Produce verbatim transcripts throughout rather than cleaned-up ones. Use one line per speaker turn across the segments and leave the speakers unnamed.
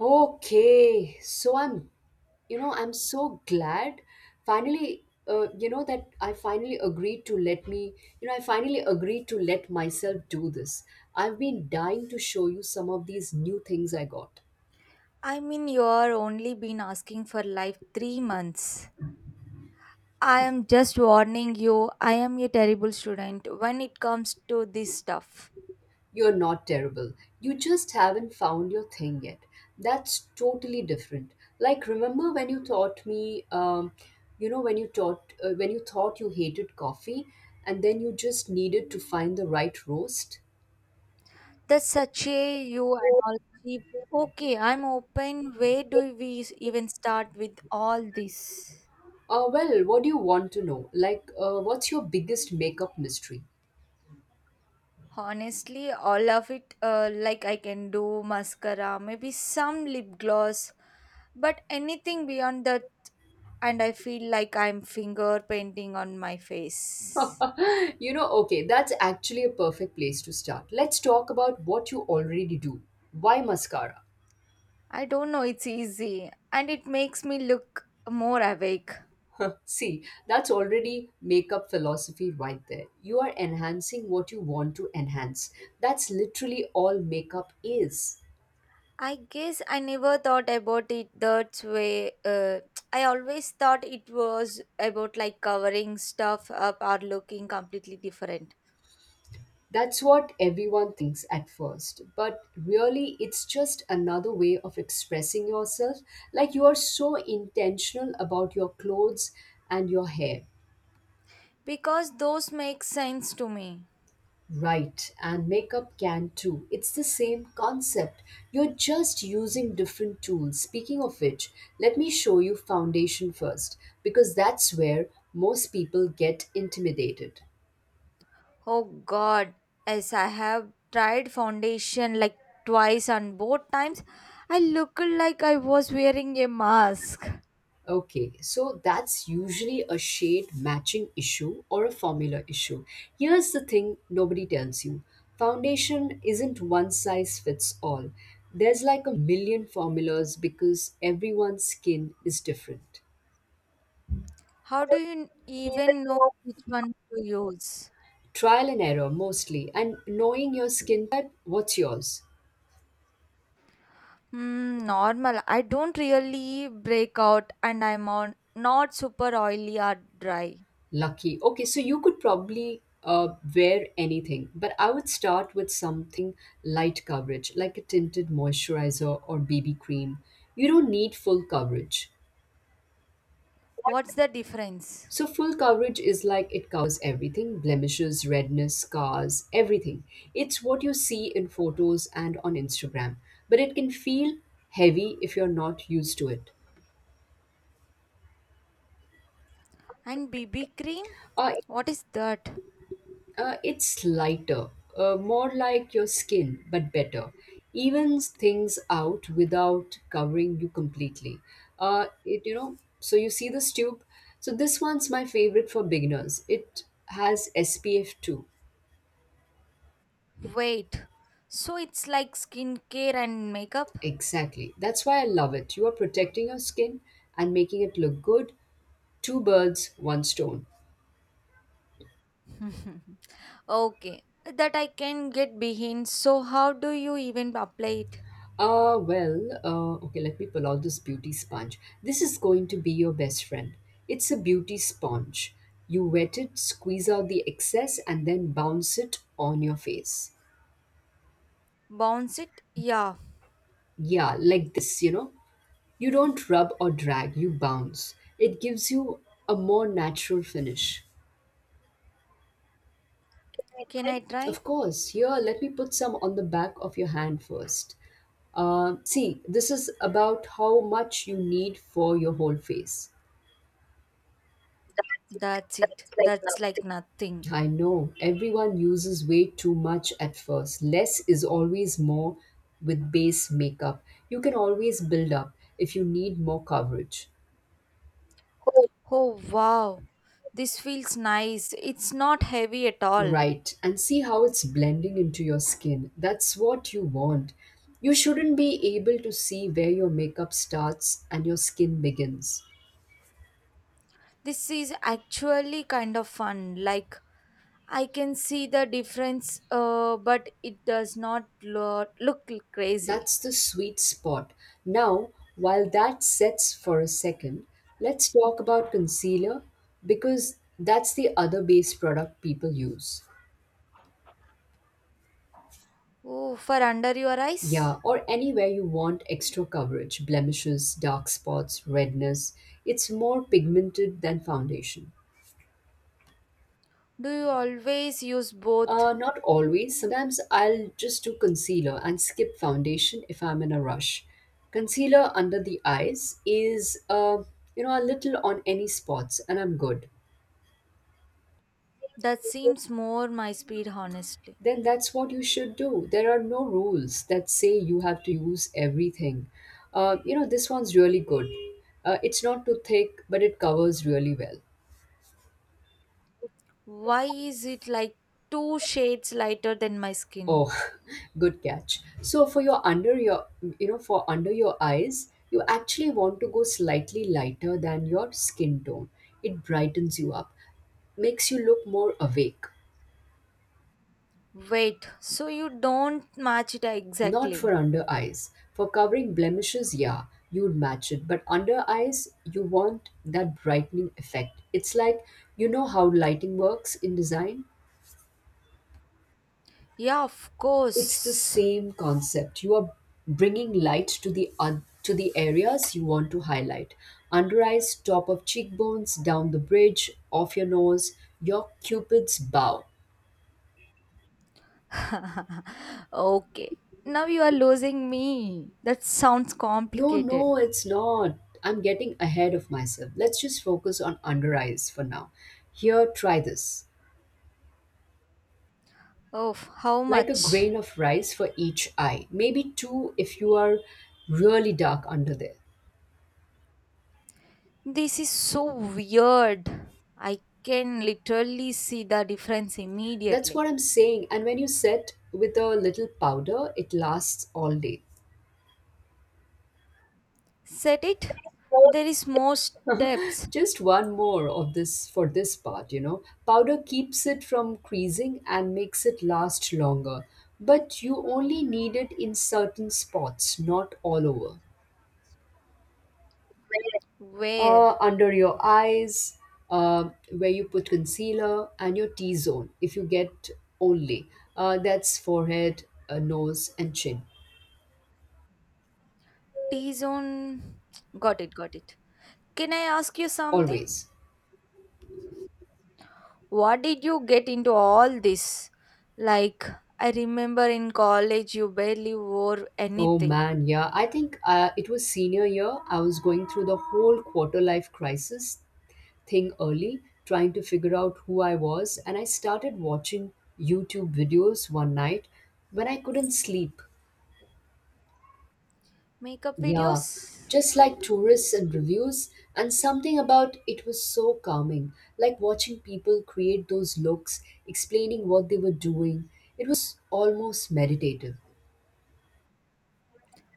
Okay, so I'm, you know, I'm so glad finally, uh, you know, that I finally agreed to let me, you know, I finally agreed to let myself do this. I've been dying to show you some of these new things I got.
I mean, you're only been asking for life three months. I am just warning you, I am a terrible student when it comes to this stuff.
You're not terrible. You just haven't found your thing yet. That's totally different. Like, remember when you taught me, um, you know, when you taught, uh, when you thought you hated coffee and then you just needed to find the right roast?
That's such a you analogy. Okay, I'm open. Where do we even start with all this?
Uh, well, what do you want to know? Like, uh, what's your biggest makeup mystery?
Honestly, all of it, uh, like I can do mascara, maybe some lip gloss, but anything beyond that, and I feel like I'm finger painting on my face.
You know, okay, that's actually a perfect place to start. Let's talk about what you already do. Why mascara?
I don't know, it's easy and it makes me look more awake.
See, that's already makeup philosophy right there. You are enhancing what you want to enhance. That's literally all makeup is.
I guess I never thought about it that way. Uh, I always thought it was about like covering stuff up or looking completely different
That's what everyone thinks at first, but really it's just another way of expressing yourself. Like you are so intentional about your clothes and your hair.
because those make sense to me.
Right, and makeup can too. It's the same concept. You're just using different tools. Speaking of which, let me show you foundation first, because that's where most people get intimidated.
Oh god, as I have tried foundation like twice and both times I looked like I was wearing a mask.
Okay, so that's usually a shade matching issue or a formula issue. Here's the thing nobody tells you: foundation isn't one size fits all. There's like a million formulas because everyone's skin is different.
How do you even know which one to use?
Trial and error mostly, and knowing your skin type. What's yours?
Hmm, normal. I don't really break out and I'm on not super oily or dry.
Lucky. Okay, so you could probably uh, wear anything, but I would start with something light coverage, like a tinted moisturizer or B B cream. You don't need full coverage.
What's the difference?
So, full coverage is like it covers everything: blemishes, redness, scars, everything. It's what you see in photos and on Instagram, but it can feel heavy if you're not used to it.
And B B cream?
Uh,
What is that?
Uh, it's lighter, uh, more like your skin, but better. Evens things out without covering you completely. Uh, it, you know, so you see this tube. So this one's my favorite for beginners. It has S P F two.
Wait. So it's like skincare and makeup?
Exactly. That's why I love it. You are protecting your skin and making it look good. Two birds, one stone.
okay. That I can get behind. So how do you even apply it?
Uh, well, uh, okay, let me pull out this beauty sponge. This is going to be your best friend. It's a beauty sponge. You wet it, squeeze out the excess, and then bounce it on your face.
Bounce it? Yeah.
Yeah, like this, you know. You don't rub or drag, you bounce. It gives you a more natural finish.
Can I try?
Of course, here, let me put some on the back of your hand first. Uh, see, this is about how much you need for your whole face.
That's it. That's like nothing.
I know, everyone uses way too much at first. Less is always more with base makeup. You can always build up if you need more coverage.
Oh wow, this feels nice. It's not heavy at all.
Right, and see how it's blending into your skin. That's what you want. You shouldn't be able to see where your makeup starts and your skin begins.
This is actually kind of fun. Like, I can see the difference, uh, but it does not lo- look crazy.
That's the sweet spot. Now, while that sets for a second, let's talk about concealer because that's the other base product people use.
Oh, for under your eyes?
Yeah, or anywhere you want extra coverage: blemishes, dark spots, redness. It's more pigmented than foundation.
Do you always use both?
Uh, not always. Sometimes I'll just do concealer and skip foundation if I'm in a rush. Concealer under the eyes is, uh, you know, a little on any spots, and I'm good.
That seems more my speed, honestly.
Then that's what you should do. There are no rules that say you have to use everything. Uh, you know, this one's really good. Uh, it's not too thick, but it covers really well.
Why is it like two shades lighter than my skin?
Oh, good catch. So for your under your you know for under your eyes, you actually want to go slightly lighter than your skin tone. It brightens you up, makes you look more awake.
Wait, so you don't match it
Not
exactly?
for under eyes. For covering blemishes, yeah, you'd match it. But under eyes, you want that brightening effect. It's like, you know how lighting works in design?
Yeah, of
It's the
course.
same concept. You are bringing light to the oth- to the areas you want to highlight. Under eyes, top of cheekbones, down the bridge, off your nose, your cupid's bow.
okay. Now you are losing me. That sounds
No,
complicated.
no, it's not. I'm getting ahead of myself. Let's just focus on under eyes for now. Here, try this.
Oh, how
Like a
much?
grain of rice for each eye. Maybe two if you are really dark under there.
This is so weird. I can literally see the difference
That's
immediately.
what I'm saying. And when you set with a little powder, it lasts all day.
Set it? There is more steps.
Just one more of this for this part, you know. Powder keeps it from creasing and makes it last longer. But you only need it in certain spots, not all over.
Where?
Uh, under your eyes, uh, where you put concealer, and your T zone, if you get only. Uh, that's forehead, uh, nose, and chin.
T zone. Got it, got it. Can I ask you something?
Always.
What did you get into all this? Like, I remember in college you barely wore
Oh
anything.
man, yeah. I think uh, it was senior year. I was going through the whole quarter life crisis thing early, trying to figure out who I was, and I started watching YouTube videos one night when I couldn't sleep.
Makeup
Yeah,
videos?
just like tourists and reviews, and something about it was so calming, like watching people create those looks, explaining what they were doing. It was almost meditative.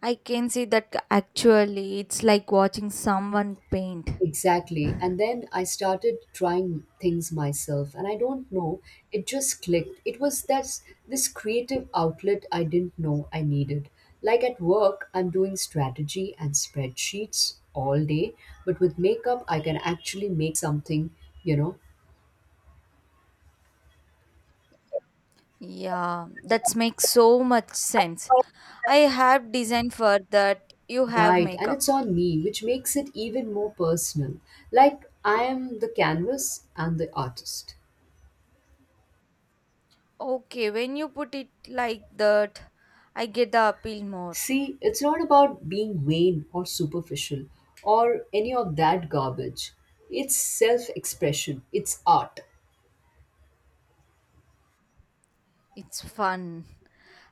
I can see that actually it's like watching someone paint.
Exactly. And then I started trying things myself, and I don't know, it just clicked. It was that this creative outlet I didn't know I needed. Like at work, I'm doing strategy and spreadsheets all day, but with makeup, I can actually make something, you know.
Yeah, that makes so much sense. I have design for that. You have
Right, and it's
makeup.
on me, which makes it even more personal. Like I am the canvas and the artist.
Okay, when you put it like that, I get the appeal more.
See, it's not about being vain or superficial or any of that garbage. It's self expression, it's art.
It's fun.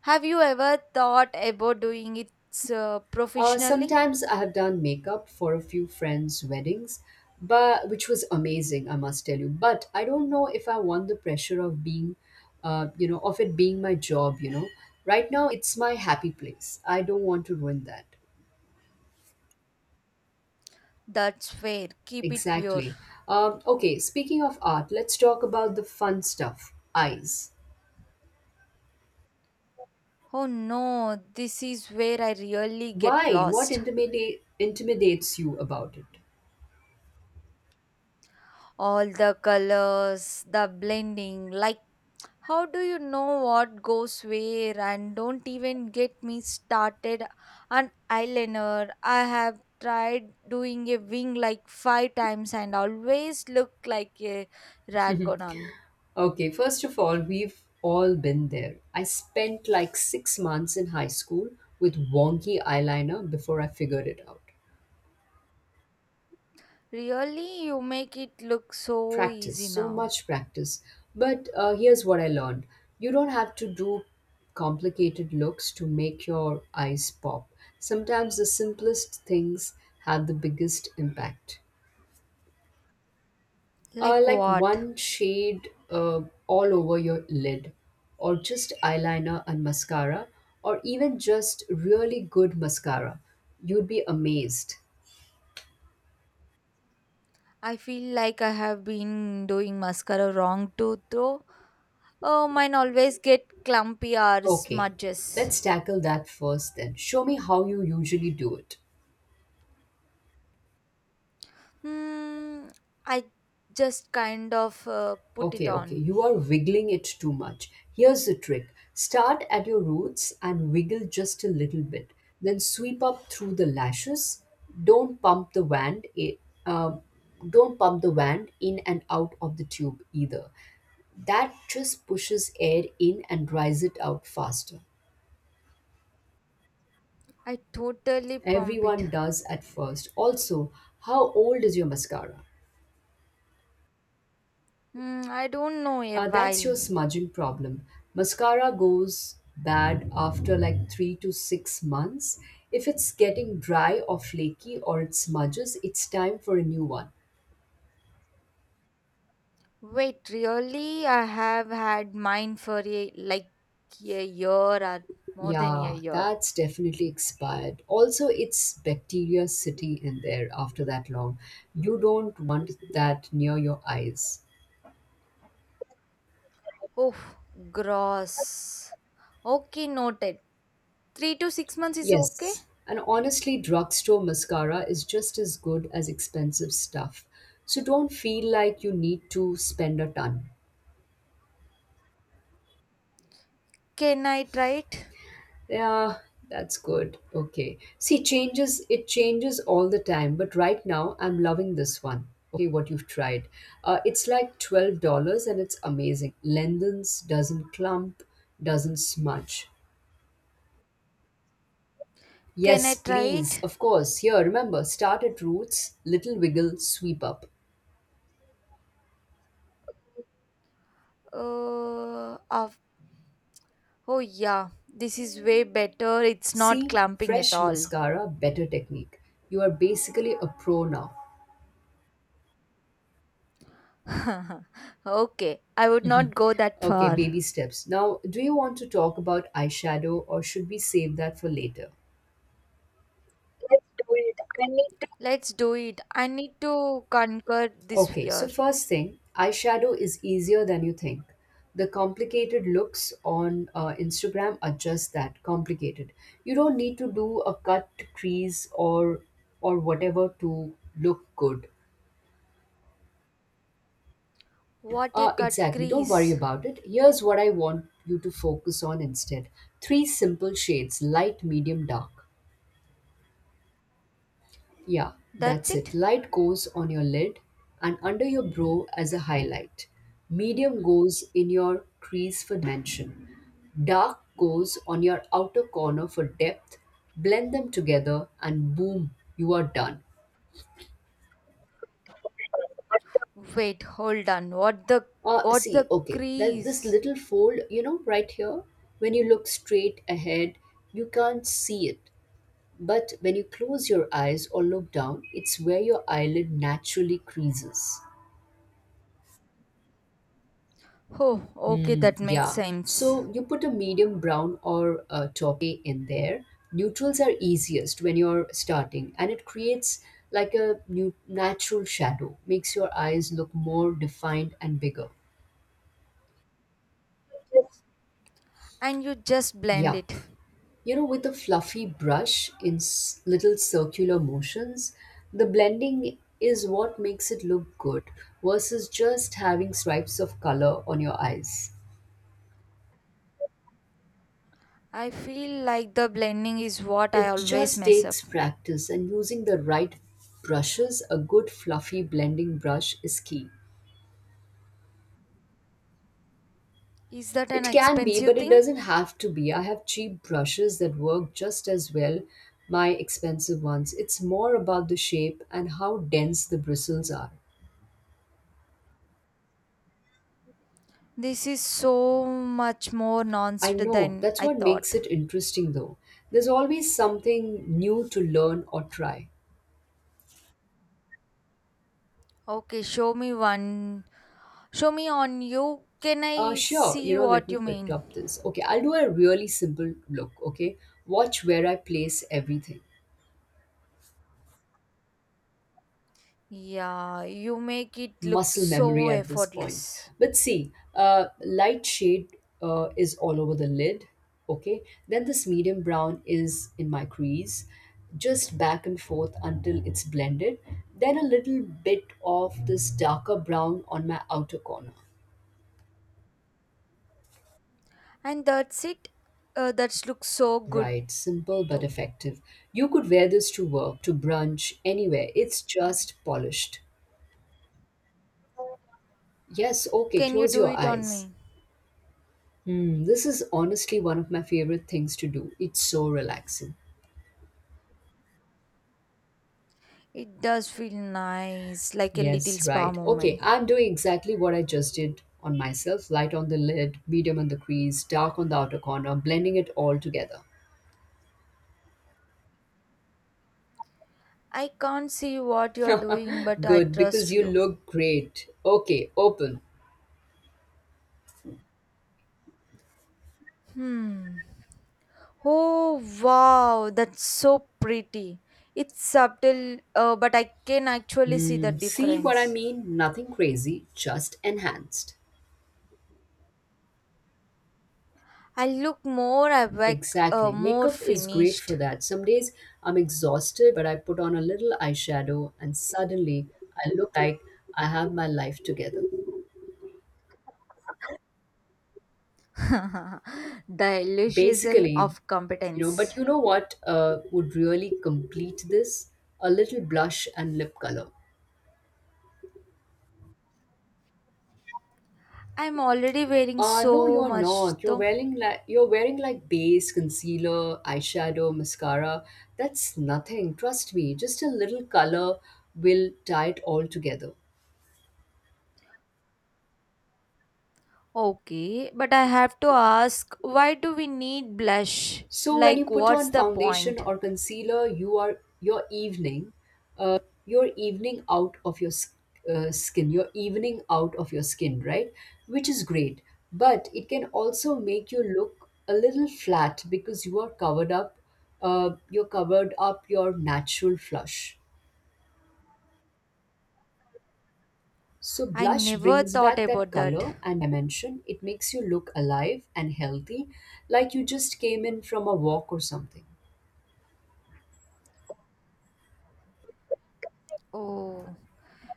Have you ever thought about doing it uh,
Uh,
professionally?
sometimes. I have done makeup for a few friends' weddings, but which was amazing, I must tell you. But I don't know if I want the pressure of being, uh, you know, of it being my job. You know, right now it's my happy place. I don't want to ruin that.
That's fair. Keep it pure.
Exactly. Um, okay. Speaking of art, let's talk about the fun stuff. Eyes.
Oh no, this is where I really get
Why? What
lost.
intimidate intimidates you about it?
All the colors, the blending, like how do you know what goes where and don't even get me started on eyeliner. I have tried doing a wing like five times and always look like a raccoon.
Okay, first of all, we've all been there. I spent like six months in high school with wonky eyeliner before I figured it out.
Really, you make it look so
Practice,
easy
so
now.
much practice. But uh, here's what I learned: you don't have to do complicated looks to make your eyes pop. Sometimes the simplest things have the biggest impact. Uh,
Like
like
what?
one shade uh, all over your lid, or just eyeliner and mascara, or even just really good mascara. You'd be amazed.
I feel like I have been doing mascara wrong too, though. Oh, mine always get clumpy or
Okay,
smudges.
let's tackle that first then. Show me how you usually do it.
Hmm, I just kind of uh, put it
Okay, okay.
on.
You are wiggling it too much. Here's the trick: start at your roots and wiggle just a little bit. Then sweep up through the lashes. Don't pump the wand. i- Uh, don't pump the wand in and out of the tube either. That just pushes air in and dries it out faster.
I totally pump it.
Everyone does at first. Also, how old is your mascara?
Hmm, I don't know, a
Uh, that's your
while.
smudging problem. Mascara goes bad after like three to six months. If it's getting dry or flaky or it smudges, it's time for a new one.
Wait, really? I have had mine for a, like a year or more than a
Yeah,
year.
that's definitely expired. Also, it's bacteria sitting in there after that long. You don't want that near your eyes.
Oh, gross. Okay, noted. Three to six months is okay.
Yes, and honestly, drugstore mascara is just as good as expensive stuff. So don't feel like you need to spend a ton.
Can I try it?
Yeah, that's good. Okay. See, changes, it changes all the time, but right now I'm loving this one. Okay, what you've tried. Uh, it's like twelve dollars and it's amazing. Lengthens, doesn't clump, doesn't smudge.
Can
Yes,
I try
please.
it?
Of course. Here, remember, start at roots, little wiggle, sweep up.
Uh, of, oh, yeah. This is way better. It's not
See,
clamping at
fresh
all.
mascara, better technique. You are basically a pro now.
okay, I would not go that
Okay,
far.
baby steps. Now, do you want to talk about eyeshadow or should we save that for later?
Let's do it. I need to conquer this
Okay, so
fear.
first thing, eyeshadow is easier than you think. The complicated looks on uh, Instagram are just that, complicated. You don't need to do a cut, crease, or or whatever to look good.
What a
Uh,
cut
exactly. Don't worry
crease.
about it. Here's what I want you to focus on instead: three simple shades, light, medium, dark. Yeah,
That's
that's it.
it.
Light goes on your lid and under your brow as a highlight. Medium goes in your crease for dimension. Dark goes on your outer corner for depth. Blend them together and boom, you are done.
Wait, hold on. What the?
Uh,
What's
see,
the
okay, that this
crease?
little fold, you know, right here, when you look straight ahead, you can't see it. But when you close your eyes or look down, it's where your eyelid naturally creases.
Oh, okay,
Mm,
that makes
yeah.
sense.
So you put a medium brown or uh toffee in there. Neutrals are easiest when you're starting, and it creates like a new natural shadow, makes your eyes look more defined and bigger.
And you just blend
Yup.
it.
You know, with a fluffy brush in s- little circular motions, the blending is what makes it look good versus just having stripes of color on your eyes.
I feel like the blending is what I
It
always
just
mess up.
takes practice and using the right brushes. A good fluffy blending brush is key.
Is that an
It can be,
expensive
but it
thing?
doesn't have to be. I have cheap brushes that work just as well my expensive ones. It's more about the shape and how dense the bristles are.
This is so much more
I
nuanced
know,
than
that's
I
what makes
thought.
it interesting though. There's always something new to learn or try.
Okay, show me one. Show me on you. Can
Uh,
I
sure, you
see
know, let
what
me
you
pick
mean?
up this. Okay, I'll do a really simple look, okay? Watch where I place everything.
Yeah, you make it look
Muscle memory
so
at this point.
effortless.
But see, uh, light shade uh, is all over the lid. Okay, then this medium brown is in my crease, just back and forth until it's blended. Then a little bit of this darker brown on my outer corner.
And that's it. Uh, that looks so good
Right, simple but
too.
effective. You could wear this to work, to brunch, anywhere. It's just polished. Yes, okay,
Can you
close
do
your
it on
eyes.
me?
Hmm, this is honestly one of my favorite things to do. It's so relaxing.
It does feel nice, like a little
Yes,
spa
right. Okay,
moment.
I'm doing exactly what I just did on myself: light on the lid, medium on the crease, dark on the outer corner, blending it all together.
I can't see what you're doing, but I
Good, because
trust
you
you.
look great. Okay, open.
Hmm. Oh wow, that's so pretty. It's subtle, uh, but I can actually see the
Hmm, see what I
difference.
mean? Nothing crazy, just enhanced.
I look more awake, uh,
Exactly.
more
Makeup is great for
finished.
that. Some days I'm exhausted, but I put on a little eyeshadow and suddenly I look like I have my life together.
the illusion
Basically.
of
You know but
competence.
you know what uh, would really complete this? A little blush and lip color.
I'm already wearing
Uh no,
so
you're
much
not. you're
though.
wearing like you're wearing like base, concealer, eyeshadow, mascara. That's nothing. Trust me, just a little color will tie it all together.
Okay, but I have to ask, why do we need blush?
So when you
Like,
put
what's
on
the
foundation
point?
or concealer, you are your evening, uh, your evening out of your s- uh, skin, your evening out of your skin, right? Which is great, but it can also make you look a little flat because you are covered up. Uh, you're covered up your natural flush. So
I
blush
never
brings
thought
back that
about that.
color and dimension. It makes you look alive and healthy, like you just came in from a walk or something.
Oh,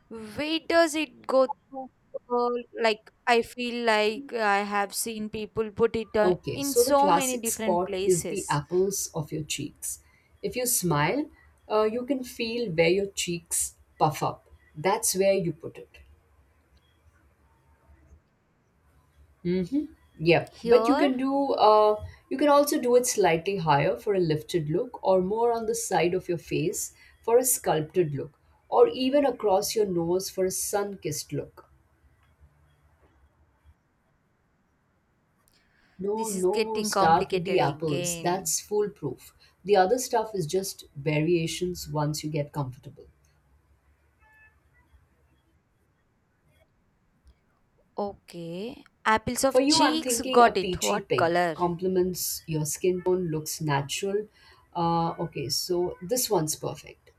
where does it go to? Uh, like, I feel like I have seen people put it uh,
Okay,
in
so the
so many
classic
different
spot is the
places.
apples of your cheeks. If you smile, uh, you can feel where your cheeks puff up. That's where you put it. Yep, but you
Here,
can do uh, you can also do it slightly higher for a lifted look, or more on the side of your face for a sculpted look, or even across your nose for a sun-kissed look. No,
this is
no,
getting
start with the
complicated
apples.
again.
That's foolproof. The other stuff is just variations once you get comfortable.
Okay, apples
For
of
you, I'm
cheeks,
thinking a
got it.
peachy
What
pink
color?
complements your skin tone, looks natural. Uh, okay, so this one's perfect.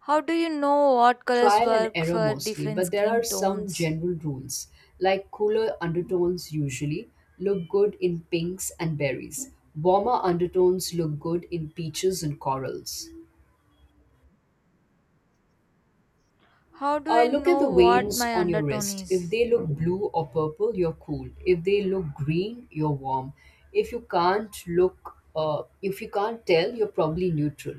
How do you know what colors
Trial and
work
error
for
mostly,
different
but there
skin
are some
tones?
general rules, like cooler undertones usually look good in pinks and berries. Warmer undertones look good in peaches and corals.
How do
Uh,
I
look at the
know what
veins
my
on your
undertone
wrist. If
is?
they look blue or purple, you're cool. If they look green, you're warm. If you can't look, uh, if you can't tell, you're probably neutral.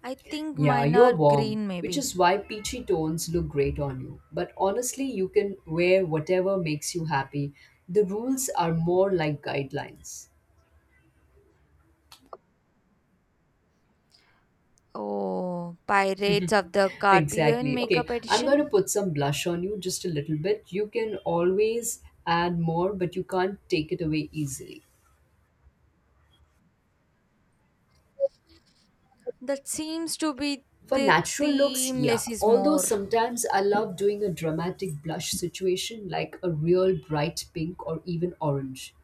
I think
Yeah,
mine
you're
are
warm,
green,
which
maybe.
is why peachy tones look great on you. But honestly, you can wear whatever makes you happy. The rules are more like guidelines.
Oh, Pirates of the Caribbean
Exactly. Okay,
makeup
I'm going to
edition?
put some blush on you, just a little bit. You can always add more, but you can't take it away easily.
That seems to be
For
the
natural looks,
theme,
yeah.
less is
Although
more.
sometimes I love doing a dramatic blush situation, like a real bright pink or even orange.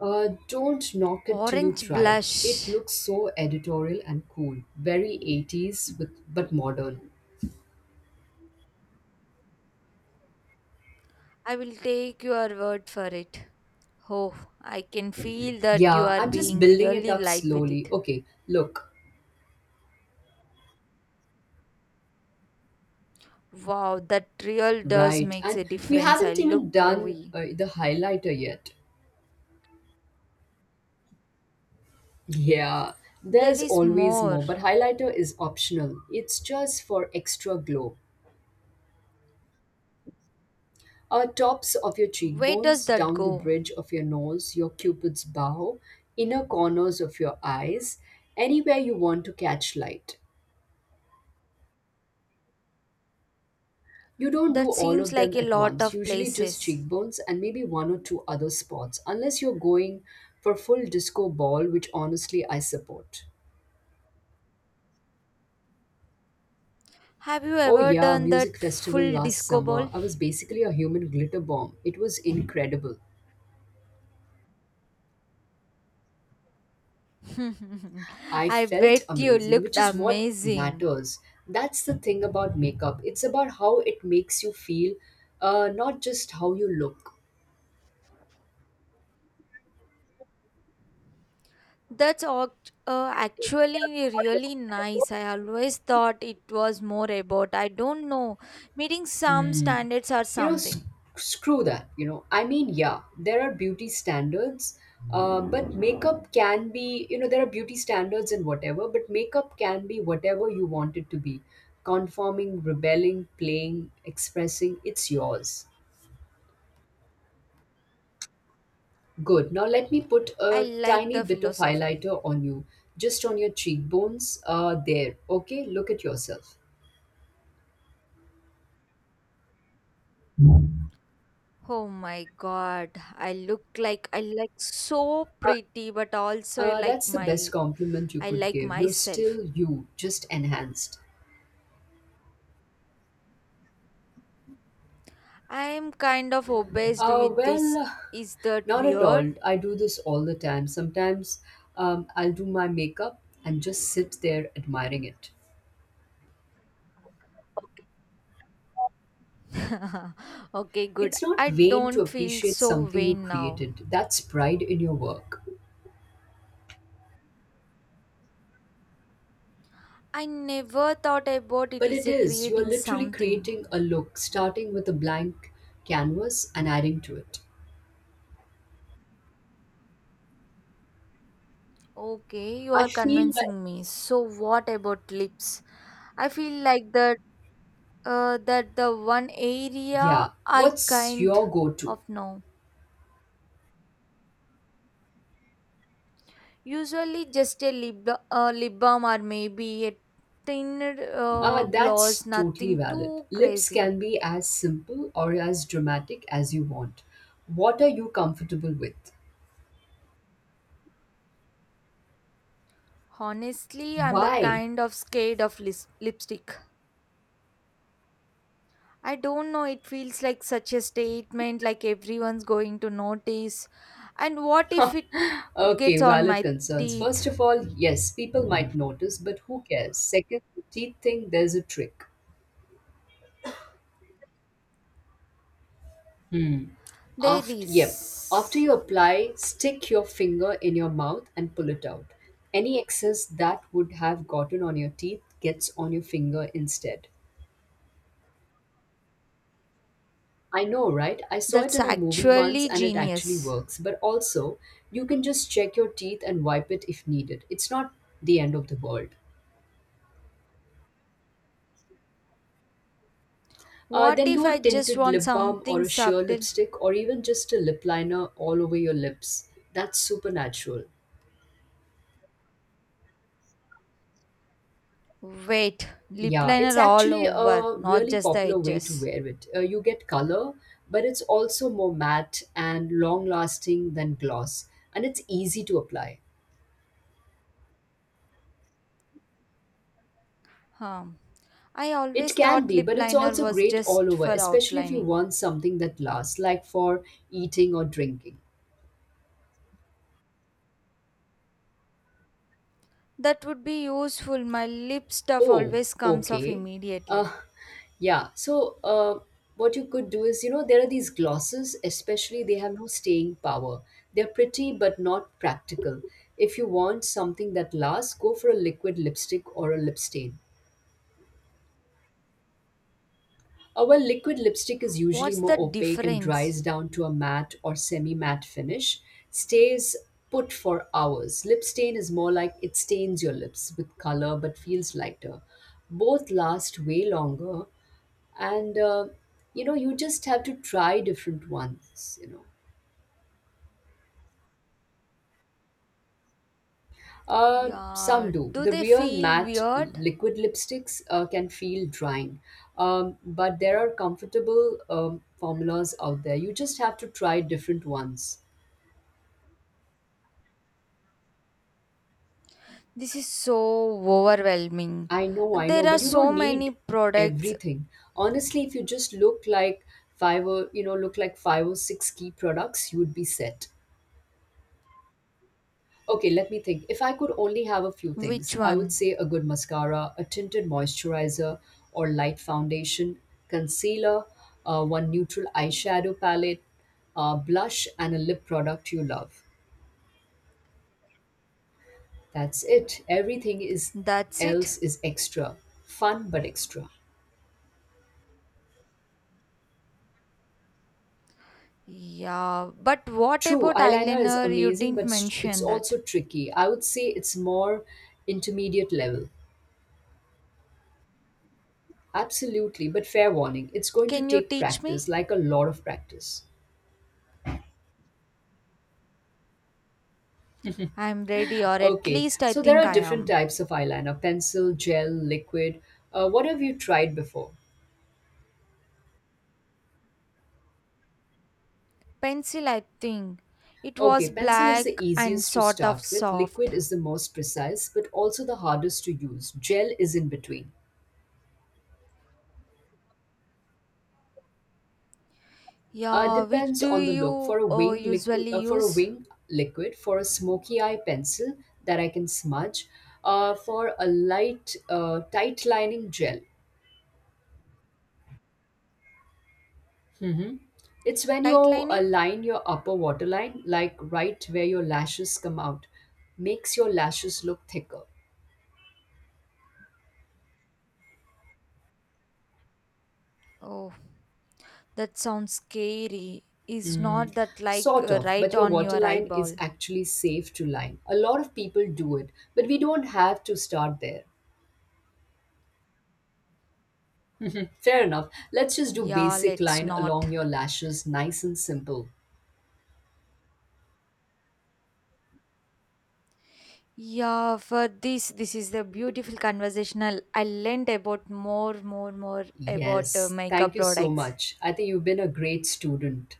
Uh, don't knock it till you
Orange
try it. It
blush.
looks so editorial and cool. Very eighties with, but modern.
I will take your word for it. Oh, I can feel that you
Yeah,
are
I'm just
being
building it
really
up
light with
slowly.
it.
Okay, look.
Wow, that real does
Right.
makes a
And we
difference. I
haven't even
look
done
glowy.
uh, the highlighter yet. Yeah,
There
there's
is
always
more.
more, but highlighter is optional. It's just for extra glow. Uh, tops of your
Where does
cheekbones,
that
down the
go?
bridge of your nose, your cupid's bow, inner corners of your eyes, anywhere you want to catch light. You don't do
That
all
seems
of
like
them
a
at
lot
once,
of
usually just
places.
cheekbones and maybe one or two other spots, unless you're going for full disco ball, which honestly I support.
Have you
Oh,
ever
yeah,
done
music
that
festival
full
last
disco
summer.
ball?
I was basically a human glitter bomb. It was incredible. I
I
felt
bet you
amazing, which
looked
is what
amazing.
matters. That's the thing about makeup. It's about how it makes you feel, uh, not just how you look.
That's act- uh, actually really nice. I always thought it was more about, I don't know, meeting some
Hmm.
standards or
You know, s-
something.
Screw that. You know, I mean, yeah, there are beauty standards, uh, but makeup can be, you know, there are beauty standards and whatever, but makeup can be whatever you want it to be. Conforming, rebelling, playing, expressing, it's yours. Good. Now let me put
I
a
like
tiny
the
bit of
philosophy.
highlighter on you, just on your cheekbones. Uh, there. Okay, look at yourself.
Oh my god, I look like I like so pretty, but also I
Uh,
like
that's the best
my
compliment you
I
could
like
give. You're
myself.
still you, just enhanced.
I am kind of obsessed
Uh,
with this.
well,
Is that
not at
weird?
all. I do this all the time. Sometimes um, I'll do my makeup and just sit there admiring it.
okay, good.
It's not
I
vain to
don't feel
appreciate
so
something you
vain now.
created. That's pride in your work.
I never thought about it
But
is
it
a
is. You are
creating
literally
something.
creating a look, starting with a blank canvas and adding to it.
Okay, you
I
are
feel like,
convincing me. So what about lips? I feel like that uh, that the one area
yeah,
I
what's
kind
your go to?
of know. Usually just a lip, uh, lip balm or maybe a thin
Ah,
uh,
that's
gloss,
totally
nothing
valid.
too
Lips
crazy.
can be as simple or as dramatic as you want. What are you comfortable with?
Honestly, I'm the
Why?
kind of scared of lis- lipstick. I don't know. It feels like such a statement, like everyone's going to notice. And what if it
Okay,
gets on
valid
my
concerns.
teeth?
First of all, yes, people might notice, but who cares? Second, the teeth thing, there's a trick.
There
After, yep. After
is.
you apply, stick your finger in your mouth and pull it out. Any excess that would have gotten on your teeth gets on your finger instead. I know, right? I saw it
That's
in a movie once
actually
and it actually
genius.
works. But also, you can just check your teeth and wipe it if needed. It's not the end of the world. Uh,
What
then
if
do a
I just
tinted
want
lip balm or
something
a sheer
subtle?
lipstick or even just a lip liner all over your lips. That's super natural.
Wait, lip
Yeah, it's
liner all
actually
over,
a
not
really
just the
popular way to
edges?
wear it. Uh, you get color, but it's also more matte and long lasting than gloss, and it's easy to apply.
Um, I
It
always
can
thought
be,
lip
but it's
liner
also
was
great all
just
over,
for
especially if you
outlining.
want something that lasts, like for eating or drinking.
That would be useful. My lip stuff
Oh,
always comes off
okay. Uh,
immediately.
yeah. So, uh, what you could do is, you know, there are these glosses, especially they have no staying power. They're pretty but not practical. If you want something that lasts, go for a liquid lipstick or a lip stain. Uh, well, liquid lipstick is usually
What's
more
the
opaque and dries
difference?
down to a matte or semi matte finish, stays put for hours. Lip stain is more like it stains your lips with color but feels lighter. Both last way longer, and uh, you know you just have to try different ones you know uh, Some
Yeah,
do.
do
The
they
real
feel
matte
weird?
liquid lipsticks uh, can feel drying, um, but there are comfortable um, formulas out there. You just have to try different ones.
This is so overwhelming.
I know, I know,
There are
but you
so
don't need
many products.
everything. Honestly, if you just look like five or you know look like five or six key products, you would be set. Okay, let me think. If I could only have a few things,
Which
I would
one?
say a good mascara, a tinted moisturizer or light foundation, concealer, uh, one neutral eyeshadow palette, uh, blush, and a lip product you love. That's it. Everything is
That's
else
it?
is extra. Fun but extra.
Yeah, but what
True,
about
eyeliner is
eyeliner? You
amazing, but
didn't
s- it's
mention that.
also tricky. I would say it's more intermediate level. Absolutely, but fair warning, it's going to
Can you
take
teach
practice,
me?
like a lot of practice.
I'm ready, or at
Okay,
least I
so there
think
are
I
different
am.
types of eyeliner: pencil, gel, liquid. Uh, what have you tried before?
Pencil, I think. It
Okay,
was
pencil is the
black and
easiest to
sort of
start with,
soft.
liquid is the most precise but also the hardest to use. Gel is in between. Uh,
Yeah, which
depends
do
on the look. For
you
a
uh,
wing liquid,
usually
uh, for a
use?
wing, liquid. For a smoky eye, pencil that I can smudge. Uh, for a light, uh, tight lining, gel. It's when you
Tight lining?
align your upper waterline, like right where your lashes come out. Makes your lashes look thicker.
Oh, that sounds scary. Is not that like
Sort
uh,
of,
right
but your
on your
waterline is
eyeball?
actually safe to line. A lot of people do it, but we don't have to start there. Fair enough. Let's just do
Yeah,
basic
let's
line
not.
along your lashes, nice and simple.
Yeah, for this, this is the beautiful conversational. I learned about more, more, more about uh,
Yes, thank
makeup
you so
products.
much. I think you've been a great student.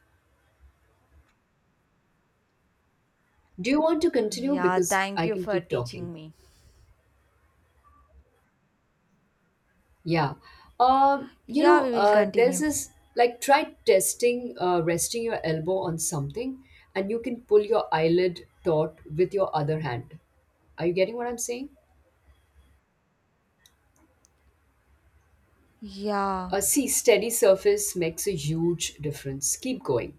Do you want to continue?
Yeah,
Because
thank
I
you
can
for
keep talking.
teaching me.
Yeah. Um, you
Yeah,
know,
we will
uh, there's
continue.
this like try testing, uh, resting your elbow on something, and you can pull your eyelid taut with your other hand. Are you getting what I'm saying?
Yeah,
Uh, see, steady surface makes a huge difference. Keep going.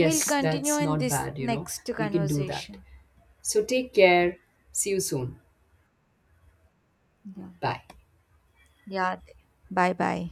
we'll continue
that's
in
not
this
bad, you know.
next
We can do that.
conversation.
So take care. See you soon.
Yeah.
Bye.
Yeah. Bye bye.